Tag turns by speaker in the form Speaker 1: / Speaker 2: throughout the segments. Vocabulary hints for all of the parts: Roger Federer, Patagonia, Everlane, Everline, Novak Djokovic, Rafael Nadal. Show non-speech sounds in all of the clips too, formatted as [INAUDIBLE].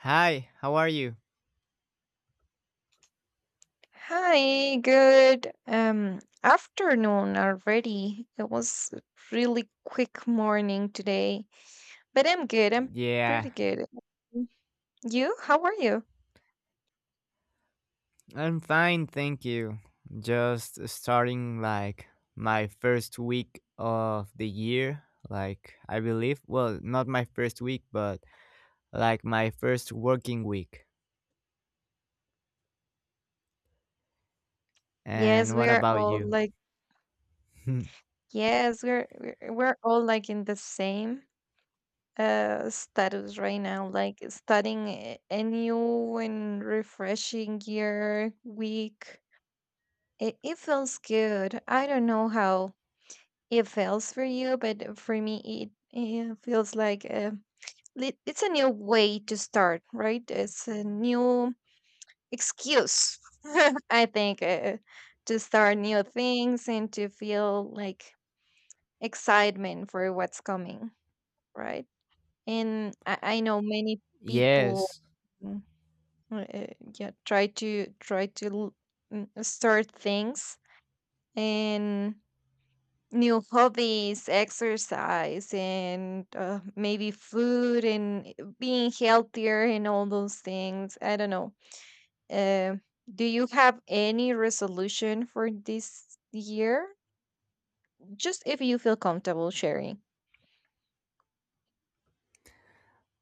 Speaker 1: Hi, how are you?
Speaker 2: Hi, good afternoon already. It was a really quick morning today, but I'm good. I'm
Speaker 1: Yeah,
Speaker 2: pretty good. Mm. You? How are you?
Speaker 1: I'm fine, thank you. Just starting my first week of the year, I believe, well, not my first week, but like my first working week.
Speaker 2: Yes,
Speaker 1: And
Speaker 2: we
Speaker 1: what
Speaker 2: are
Speaker 1: about
Speaker 2: all
Speaker 1: you?
Speaker 2: like
Speaker 1: [LAUGHS]
Speaker 2: yes, we're all like in the same status right now, like starting a new and refreshing year week. It feels good. I don't know how it feels for you, but for me, it feels like it's a new way to start, right? It's a new excuse, [LAUGHS] I think, to start new things and to feel like excitement for what's coming, right? And I know many people,
Speaker 1: Yes.
Speaker 2: mm, uh, yeah, try to start things and new hobbies, exercise, and maybe food and being healthier and all those things. I don't know. Uh, do you have any resolution for this year? Just if you feel comfortable sharing.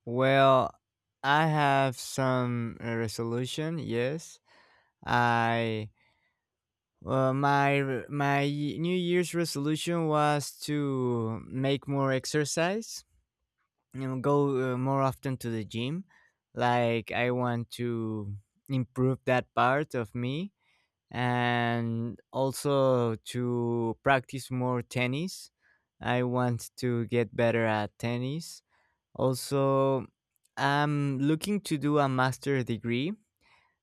Speaker 1: Well, I have some resolution. Yes, I well my r- my y- New Year's resolution was to make more exercise, you know, go more often to the gym. Like, I want to improve that part of me, and also to practice more tennis. I want to get better at tennis. Also, I'm looking to do a master degree.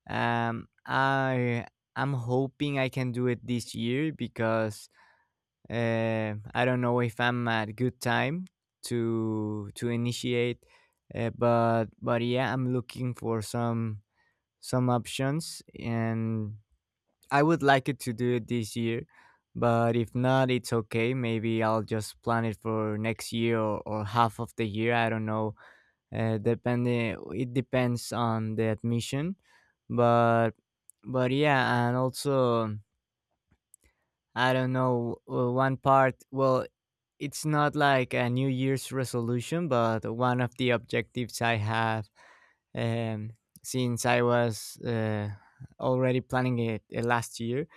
Speaker 1: I I'm hoping I can do it this year because I don't know if I'm at good time to initiate, but yeah, I'm looking for some options, and I would like it to do it this year. But if not, it's okay. Maybe I'll just plan it for next year, or half of the year. I don't know. It depends on the admission, but but yeah, and also I don't know. One part, well, it's not like a New Year's resolution, but one of the objectives I have um, since I was already planning it last year,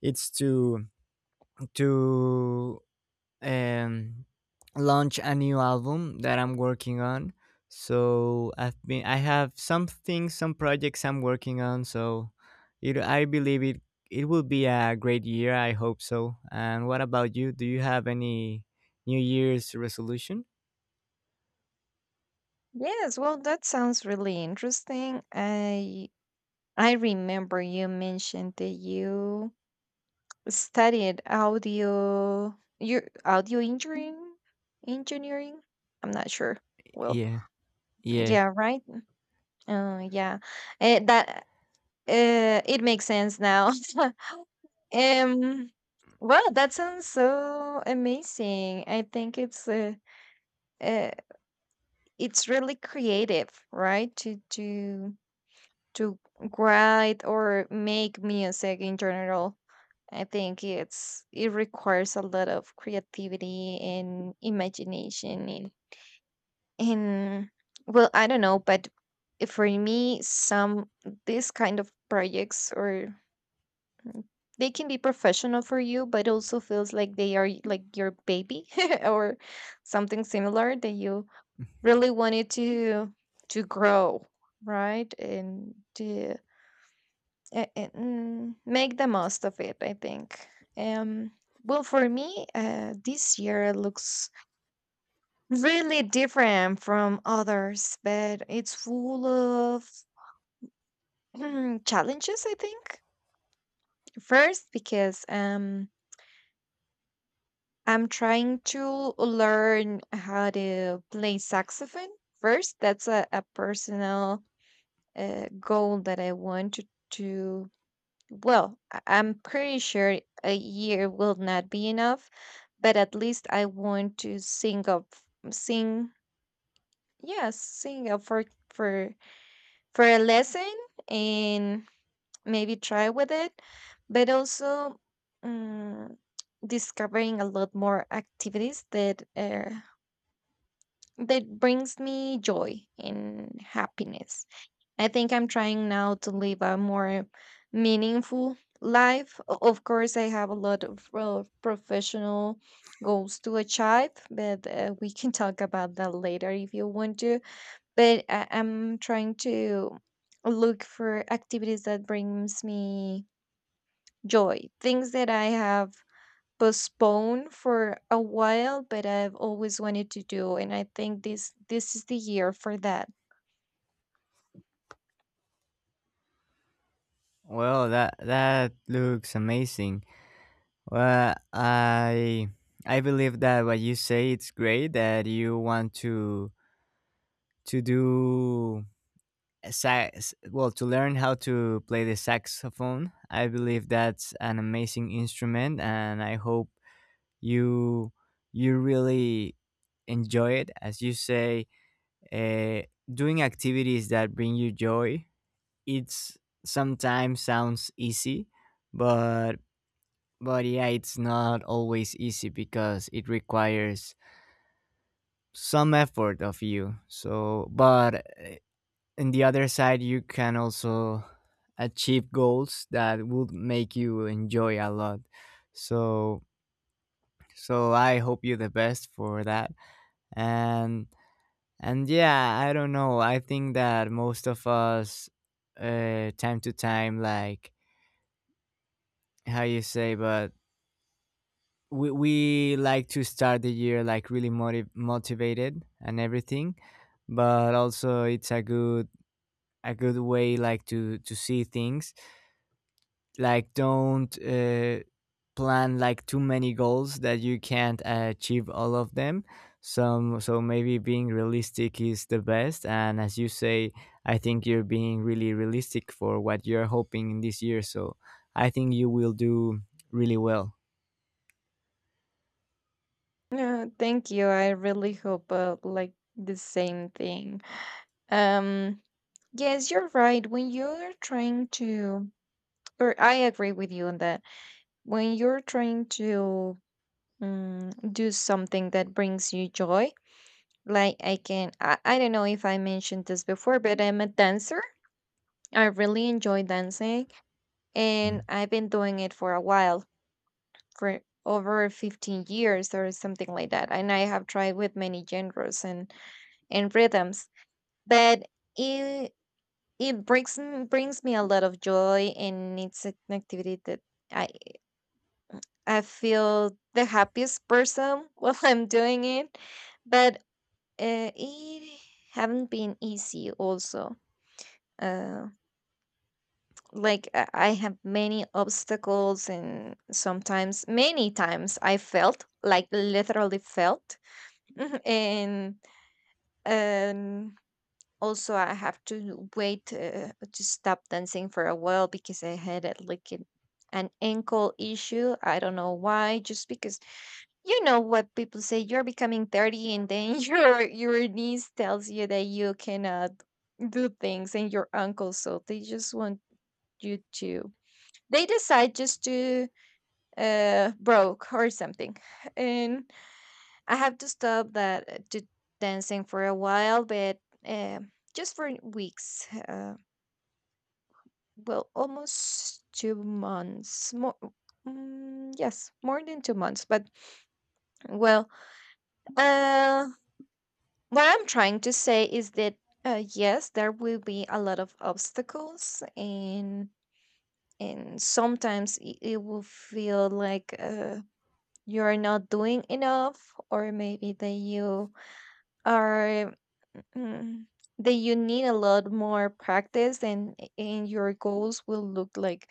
Speaker 1: it's to um, launch a new album that I'm working on. So I have some things, some projects I'm working on. So I believe it will be a great year. I hope so. And what about you? Do you have any New Year's resolution?
Speaker 2: Yes, well, that sounds really interesting. I remember you mentioned that you studied audio your audio engineering. I'm not sure, well,
Speaker 1: Yeah, yeah.
Speaker 2: yeah, right, yeah. That it makes sense now. [LAUGHS] um wow, that sounds so amazing. I think uh, it's really creative, right? To write or make music in general. I think it's it requires a lot of creativity and imagination, and well I don't know, but for me some this kind of projects or they can be professional for you, but also feels like they are like your baby [LAUGHS] or something similar that you really wanted to grow, right? And to make the most of it, I think. Um, well, for me, this year looks really different from others, but it's full of [CLEARS THROAT] challenges, I think. First, because I'm trying to learn how to play saxophone first. That's a personal goal that I want to. Well, I'm pretty sure a year will not be enough, but at least I want to sing up, sing, yes, sing up for for for a lesson and maybe try with it, but also um, discovering a lot more activities that that brings me joy and happiness. I think I'm trying now to live a more meaningful life. Of course, I have a lot of professional goals to achieve, but we can talk about that later if you want to. But I'm trying to look for activities that brings me joy, things that I have postpone for a while, but I've always wanted to do, and I think this is the year for that.
Speaker 1: Well, that that looks amazing. Well, I believe that what you say, it's great that you want to do a sax, well, to learn how to play the saxophone. I believe that's an amazing instrument, and I hope you you really enjoy it. As you say, uh, doing activities that bring you joy, it's sometimes sounds easy, but but yeah, it's not always easy because it requires some effort of you. So, but on the other side, you can also achieve goals that would make you enjoy a lot. So, so I hope you the best for that. And and yeah, I don't know. I think that most of us, time to time, like how you say, but we like to start the year like really motivated and everything, but also it's a good way, like to see things like don't plan like too many goals that you can't achieve all of them. Some So maybe being realistic is the best, and as you say, I think you're being really realistic for what you're hoping in this year, so I think you will do really well.
Speaker 2: Yeah, thank you. I really hope like the same thing. Um, yes, you're right. When you're trying to, or I agree with you on that. When you're trying to do something that brings you joy, like I can I don't know if I mentioned this before, but I'm a dancer. I really enjoy dancing, and I've been doing it for a while, for over 15 years or something like that. And I have tried with many genres and rhythms, but it it brings brings me a lot of joy, and it's an activity that I, I feel the happiest person [LAUGHS] while I'm doing it, but it haven't been easy also. Uh, like I have many obstacles, and sometimes many times I felt like literally felt. [LAUGHS] And um also I have to wait to stop dancing for a while, because I had like an ankle issue. I don't know why, just because you know what people say, you're becoming 30, and then [LAUGHS] your niece tells you that you cannot do things and your uncle, so they just want you to, they decide just to broke or something, and I have to stop that to dancing for a while, but uh, just for weeks. Well, almost 2 months more, mm, yes, more than 2 months, but well uh what I'm trying to say is that yes, there will be a lot of obstacles, and sometimes it will feel like you are not doing enough, or maybe that you are, mm, that you need a lot more practice, and your goals will look like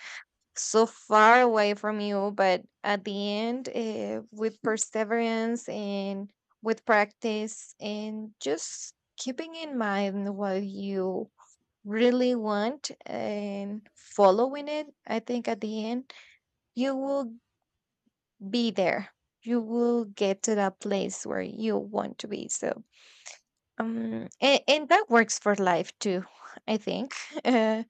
Speaker 2: so far away from you, but at the end with perseverance and with practice and just keeping in mind what you really want and following it, I think at the end you will be there, you will get to that place where you want to be. So and that works for life too, I think. [LAUGHS]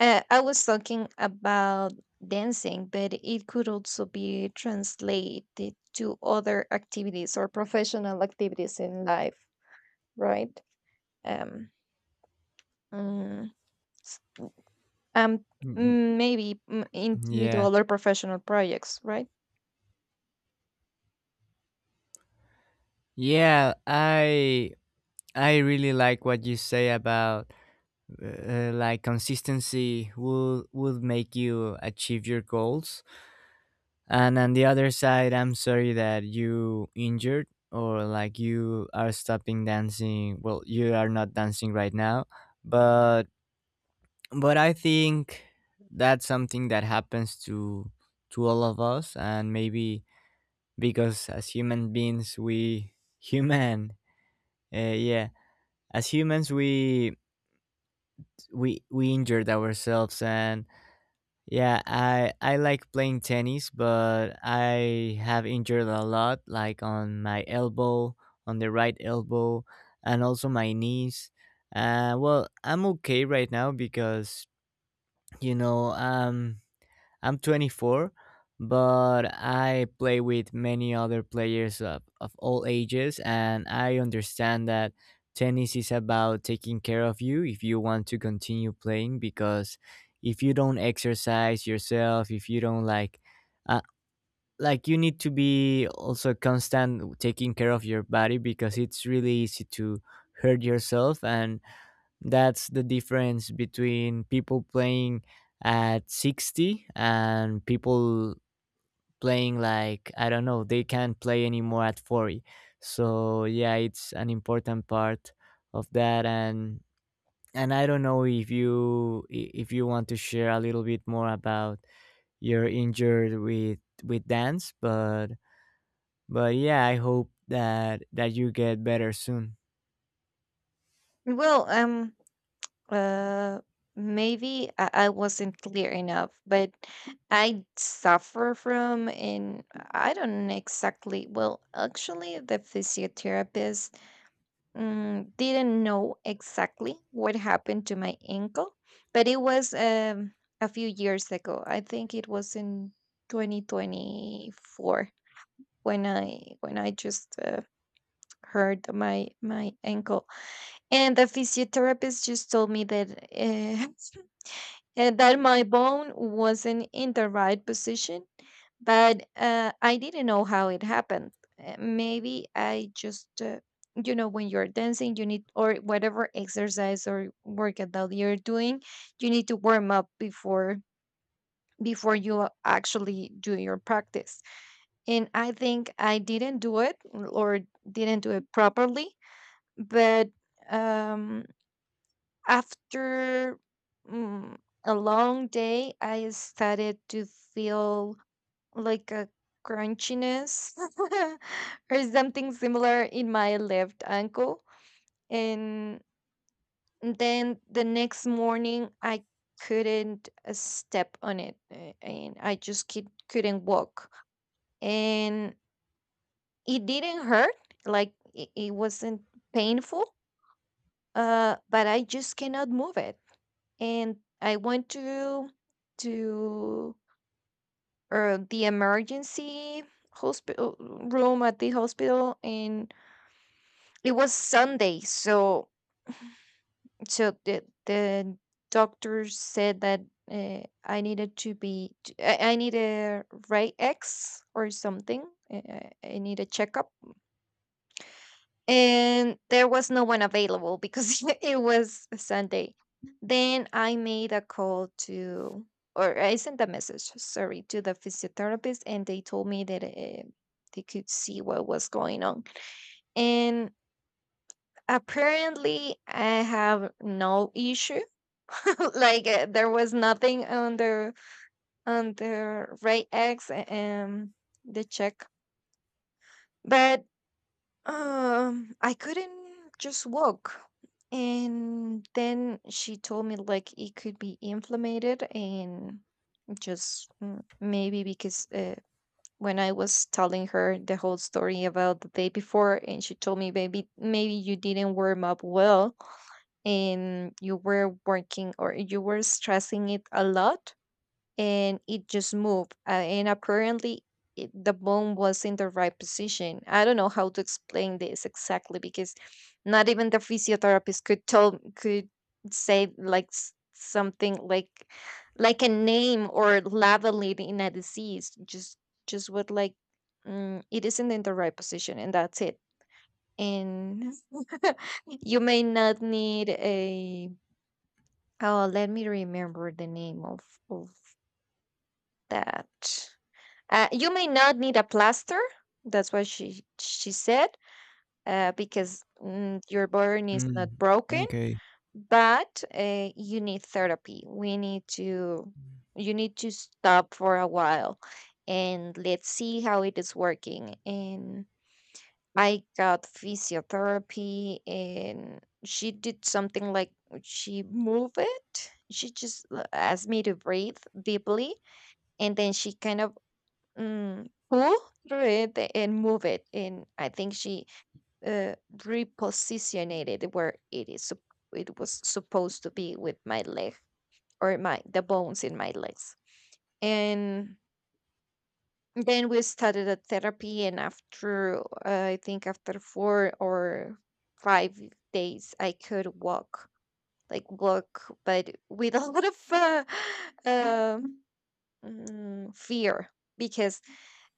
Speaker 2: I was talking about dancing, but it could also be translated to other activities or professional activities in life, right? Um, mm, s- um,
Speaker 1: Mm,
Speaker 2: Maybe
Speaker 1: yeah.
Speaker 2: individual or professional projects, right?
Speaker 1: Yeah, I really like what you say about like consistency will make you achieve your goals. And on the other side, I'm sorry that you injured, or like you are stopping dancing. Well, you are not dancing right now, but but I think that's something that happens to all of us, and maybe because as human beings we [LAUGHS] human yeah as humans we injured ourselves. And yeah, I like playing tennis, but I have injured a lot, like on my elbow, on the right elbow, and also my knees. Well, I'm okay right now because, you know, I'm 24, but I play with many other players of all ages, and I understand that tennis is about taking care of you if you want to continue playing. Because if you don't exercise yourself, if you don't uh, like you need to be also constant taking care of your body because it's really easy to hurt yourself. And that's the difference between people playing at 60 and people playing like, I don't know, they can't play anymore at 40. So, yeah, it's an important part of that. And I don't know if if you want to share a little bit more about your injured with dance, but yeah, I hope that that you get better soon.
Speaker 2: Well, uh, maybe I wasn't clear enough, but I suffer from, and I don't exactly. Well, actually, the physiotherapist didn't know exactly what happened to my ankle, but it was a few years ago. I think it was in 2024 when I just hurt my ankle, and the physiotherapist just told me that [LAUGHS] and that my bone wasn't in the right position, but I didn't know how it happened. Maybe I just, you know, when you're dancing, you need, or whatever exercise or workout that you're doing, you need to warm up before before you actually do your practice. And I think I didn't do it, or didn't do it properly. But um, after mm, a long day, I started to feel like a crunchiness [LAUGHS] or something similar in my left ankle. And then the next morning, I couldn't step on it, and I just couldn't walk. And it didn't hurt, like it wasn't painful, but I just cannot move it. And I went to the emergency hospital room at the hospital, and it was Sunday, so so the doctor said that I needed to be I need a Ray X or something. I need a checkup, and there was no one available because [LAUGHS] it was a Sunday. Then I made a call to, or I sent a message, sorry, to the physiotherapist, and they told me that they could see what was going on. And apparently, I have no issue. [LAUGHS] Like there was nothing on the on the Ray X and the check, but I couldn't just walk. And then she told me like it could be inflamed, and just maybe because when I was telling her the whole story about the day before, and she told me, maybe maybe you didn't warm up well, and you were working or you were stressing it a lot, and it just moved, and apparently it, the bone was in the right position. I don't know how to explain this exactly, because not even the physiotherapist could tell, could say like something like a name or label it in a disease, just what like it isn't in the right position and that's it. And [LAUGHS] you may not need a, oh, let me remember the name of that. You may not need a plaster. That's what she said. Because your burn is not
Speaker 1: Mm,
Speaker 2: broken,
Speaker 1: okay.
Speaker 2: but you need therapy. We need to, you need to stop for a while, and let's see how it is working. And I got physiotherapy, and she did something like she moved it. She just asked me to breathe deeply, and then she kind of pull through it and move it. And I think she repositioned it where it is it was supposed to be with my leg or my the bones in my legs. And then we started a therapy, and after I think after 4 or 5 days, I could walk, like walk, but with a [LAUGHS] lot of [LAUGHS] um, fear because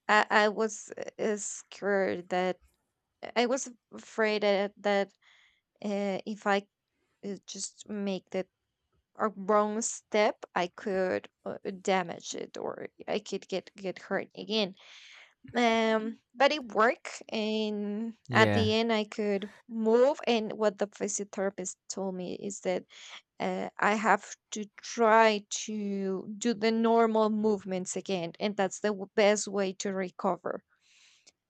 Speaker 2: I was scared that if I just make that a wrong step, I could damage it or I could get hurt again. But it worked, and at the
Speaker 1: Yeah,
Speaker 2: end I could move. And what the physiotherapist told me is that I have to try to do the normal movements again, and that's the best way to recover,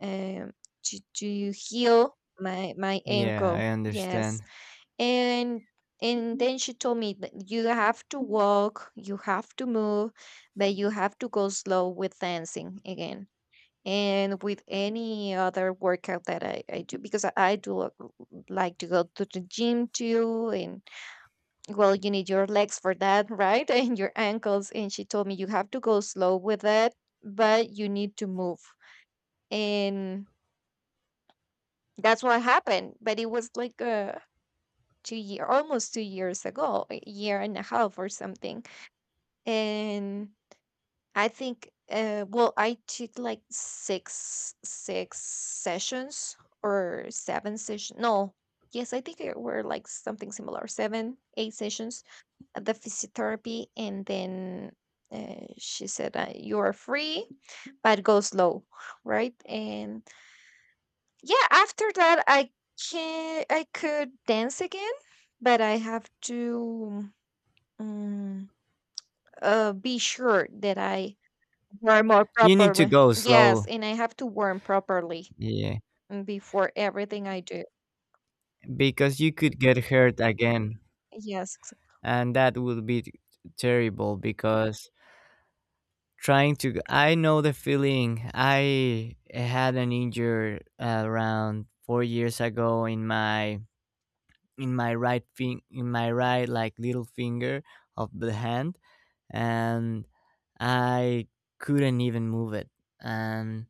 Speaker 2: um to heal my
Speaker 1: yeah, I
Speaker 2: ankle. Yes.
Speaker 1: understand.
Speaker 2: and and then she told me that you have to walk, you have to move, but you have to go slow with dancing again, and with any other workout that I do, because I like to go to the gym too. And well, you need your legs for that, right? [LAUGHS] And your ankles. And she told me you have to go slow with it, but you need to move. And that's what happened. But it was like a two-year almost 2 years ago, a year and a half or something. And I think well, I did like six sessions, or seven sessions. No. Yes, I think it were like something similar. Seven, eight sessions at the physiotherapy. And then she said, you are free, but go slow, right? And yeah, after that I can I could dance again, but I have to um, be sure that I warm more
Speaker 1: You need to
Speaker 2: properly.
Speaker 1: go
Speaker 2: Yes,
Speaker 1: slow,
Speaker 2: and I have to warm properly
Speaker 1: yeah,
Speaker 2: before everything I do.
Speaker 1: because you could get hurt again,
Speaker 2: Yes, ex-
Speaker 1: and that would be terrible because I know the feeling. I had an injury around 4 years ago in my right in my right like little finger of the hand, and I couldn't even move it. And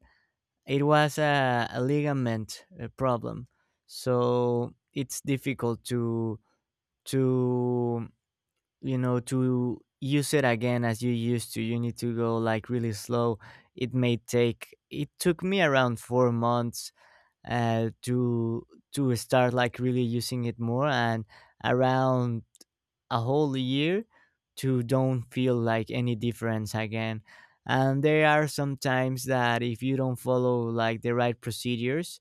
Speaker 1: it was a ligament problem, so it's difficult to you know to use it again as you used to. You need to go like really slow. It may take It took me around 4 months uh, to to start like really using it more, and around a whole year to don't feel like any difference again. And there are some times that if you don't follow like the right procedures,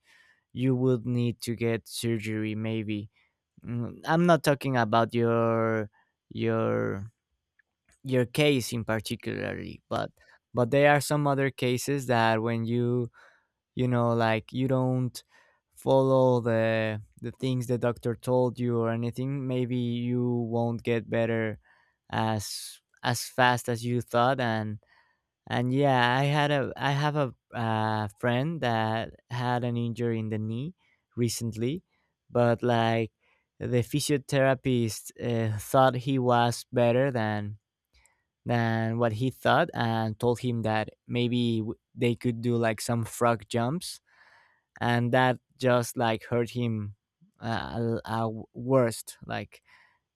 Speaker 1: you would need to get surgery maybe. Mm, I'm not talking about your your case in particularly, but there are some other cases that when you know, like you don't follow the things the doctor told you or anything, maybe you won't get better as fast as you thought. And yeah, I have a friend that had an injury in the knee recently, but like the physiotherapist thought he was better than what he thought, and told him that maybe they could do like some frog jumps, and that just like hurt him uh, l- uh, worst, like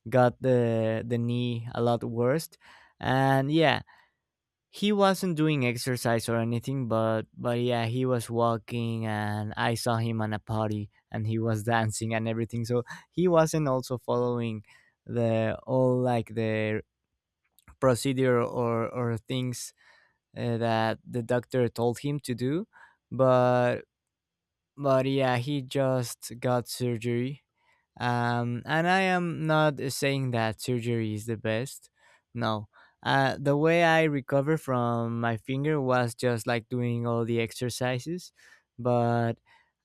Speaker 1: got the knee a lot worst. And yeah, he wasn't doing exercise or anything, but yeah, he was walking and I saw him on a party and he was [LAUGHS] dancing and everything, so he wasn't also following the all like the procedure or things that the doctor told him to do, but but yeah, he just got surgery. And I am not saying that surgery is the best. No. The way I recover from my finger was just like doing all the exercises, but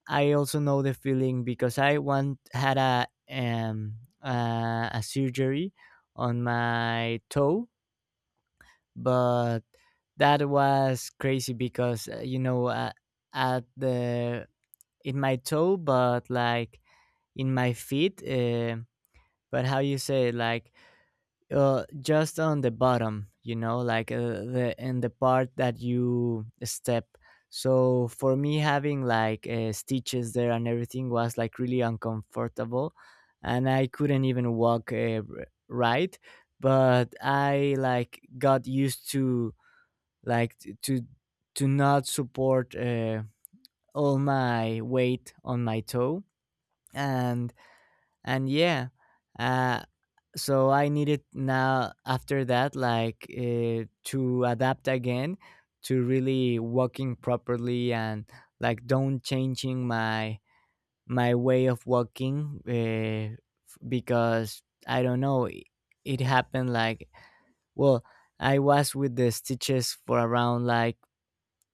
Speaker 1: I also know the feeling because I once had um a surgery on my toe, but that was crazy because, you know, at the in my toe, but like in my feet. But how you say it, like just on the bottom, you know, like the in the part that you step. So for me, having like stitches there and everything was like really uncomfortable, and I couldn't even walk right. But I like got used to like t- to to not support all my weight on my toe. and and yeah, uh so I needed now after that like to adapt again to really walking properly, and like don't changing my way of walking because I don't know, it happened like, well, I was with the stitches for around like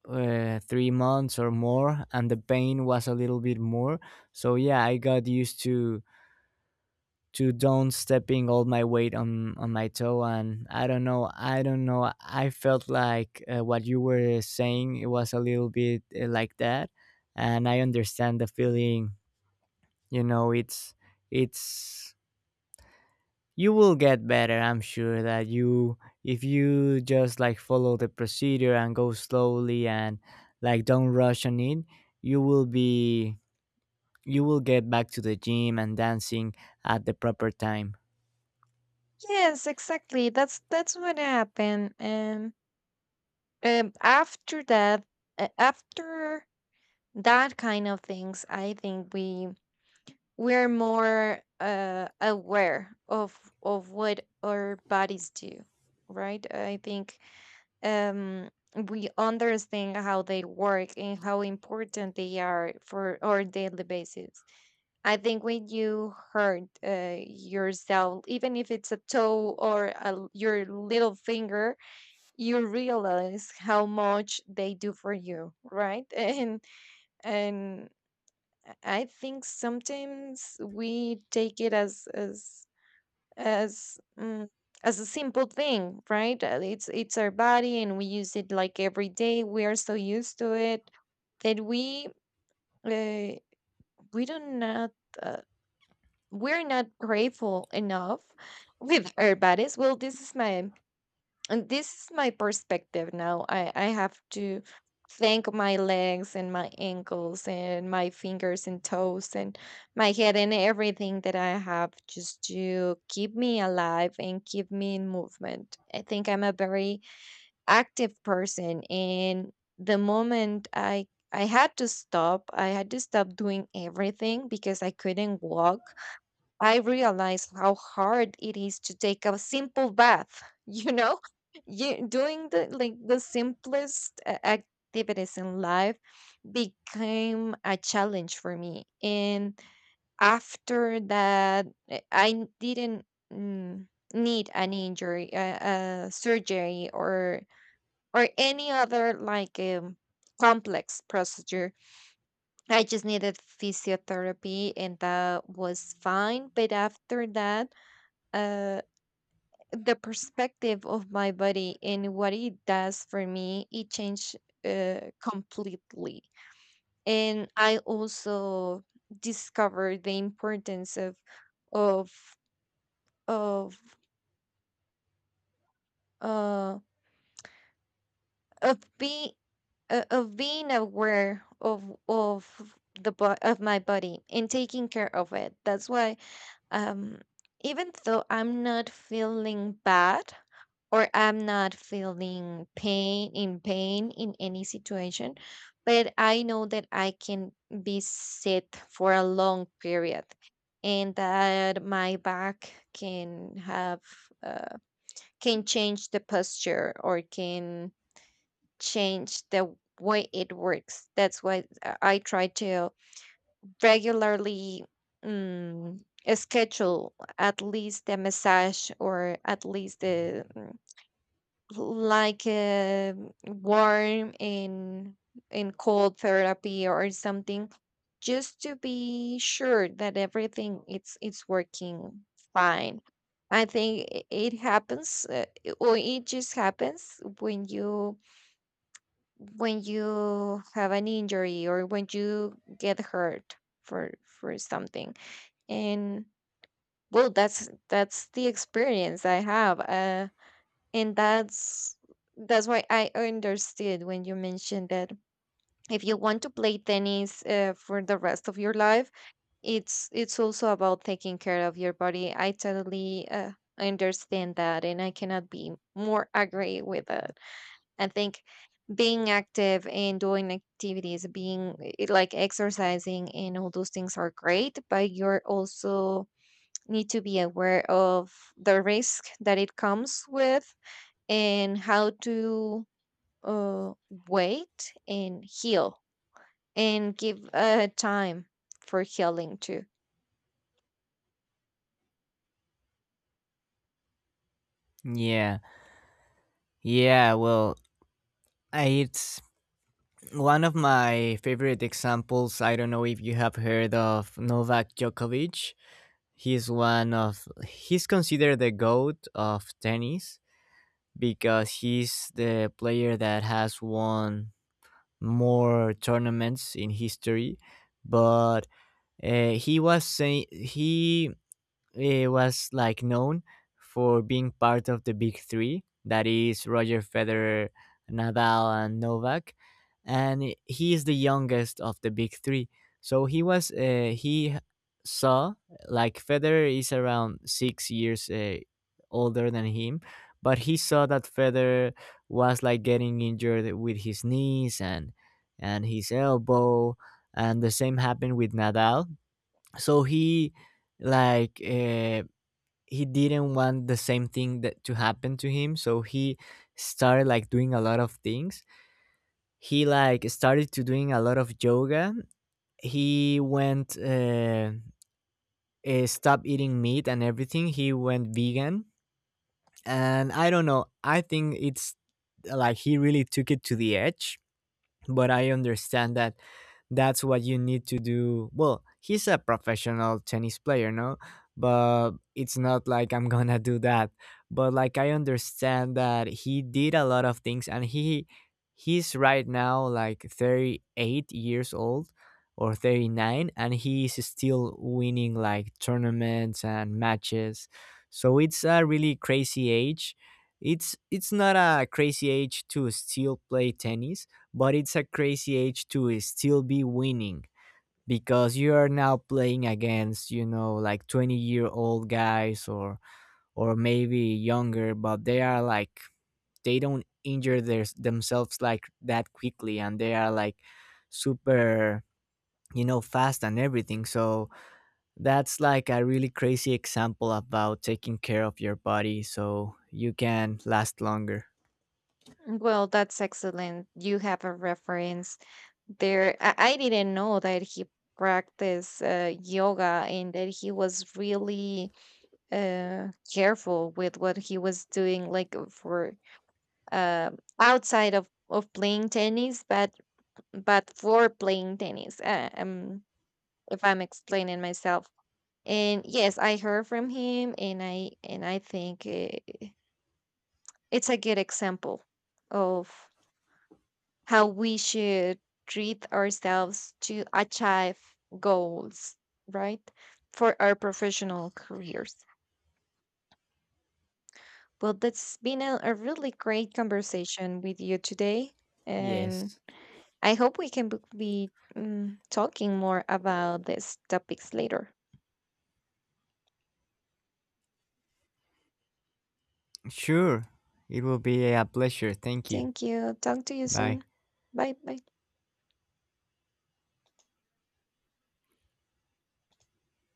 Speaker 1: 3 months or more, and the pain was a little bit more. So yeah, I got used to don't stepping all my weight on my toe. And I don't know, I felt like what you were saying, it was a little bit like that, and I understand the feeling. You know, it's you will get better. I'm sure that you, if you just like follow the procedure and go slowly and like don't rush on it, you will be you will get back to the gym and dancing at the proper time.
Speaker 2: yes, exactly. That's what happened. And um, after that, after that kind of things, I think we we're more aware of what our bodies do, right? I think um, we understand how they work and how important they are for our daily basis. I think when you hurt yourself, even if it's a toe or a l your little finger, you realize how much they do for you, right? [LAUGHS] And and I think sometimes we take it as as as a simple thing, right? It's our body, and we use it like every day. We are so used to it that uh, we do not. uh, we're not grateful enough with our bodies. Well, this is my and this is my perspective now. I have to thank my legs and my ankles and my fingers and toes and my head and everything that I have, just to keep me alive and keep me in movement. I think I'm a very active person, and the moment I had to stop, I had to stop doing everything because I couldn't walk. I realized how hard it is to take a simple bath, [LAUGHS] you know? You doing the like the simplest activities in life became a challenge for me. And after that, I didn't mm, need an injury, surgery, or any other like complex procedure. I just needed physiotherapy, and that was fine. But after that, uh, the perspective of my body and what it does for me, it changed completely. And I also discovered the importance of of uh, of being of being aware of of my body and taking care of it. That's why um, even though I'm not feeling bad, or I'm not feeling pain in any situation, but I know that I can be sit for a long period, and that my back can have uh, can change the posture, or can change the way it works. That's why I try to regularly mm, schedule at least a massage, or at least the like a warm and cold therapy or something, just to be sure that everything it's working fine. I think it happens or it just happens when you have an injury, or when you get hurt for something. And well, that's the experience I have. And that's why I understood when you mentioned that if you want to play tennis for the rest of your life, it's also about taking care of your body. I totally understand that, and I cannot be more agree with it. I think being active and doing activities, being like exercising and all those things are great, but you're also need to be aware of the risk that it comes with, and how to uh, wait and heal and give a time for healing too.
Speaker 1: yeah. Yeah, well, it's one of my favorite examples. I don't know if you have heard of Novak Djokovic. He's one of, he's considered the goat of tennis because he's the player that has won more tournaments in history. But he was saying was like known for being part of the big three, that is Roger Federer, Nadal, and Novak. And he is the youngest of the big three, so he saw, like, Federer is around 6 years older than him. But he saw that Federer was like getting injured with his knees and his elbow, and the same happened with Nadal. So like uh, he didn't want the same thing that to happen to him. So he started like doing a lot of things. He like started to doing a lot of yoga. He went stopped eating meat and everything. He went vegan. And I don't know, I think it's like he really took it to the edge. But I understand that that's what you need to do. Well, he's a professional tennis player, no? But it's not like I'm [LAUGHS] gonna do that. But like I understand that he did a lot of things, and he's right now like 38 years old or 39, and he's still winning like tournaments and matches. So it's a really crazy age. It's not a crazy age to still play tennis, but it's a crazy age to still be winning, because you are now playing against, you know, like 20-year-old guys, or maybe younger, but they are like, they don't injure themselves like that quickly, and they are like super, you know, fast and everything. So that's like a really crazy example about taking care of your body so you can last longer.
Speaker 2: Well, that's excellent. You have a reference there. I didn't know that he practiced yoga, and that he was really careful with what he was doing, like for uh, outside of playing tennis, but for playing tennis. If I'm explaining myself. And yes, I heard from him, and I think it's a good example of how we should treat ourselves to achieve goals, right? For our professional careers. Well, that's been a really great conversation with you today, and
Speaker 1: Yes.
Speaker 2: I hope we can be talking more about these topics later.
Speaker 1: sure it will be a pleasure thank you
Speaker 2: Thank you. Talk to you
Speaker 1: bye
Speaker 2: soon. Bye bye.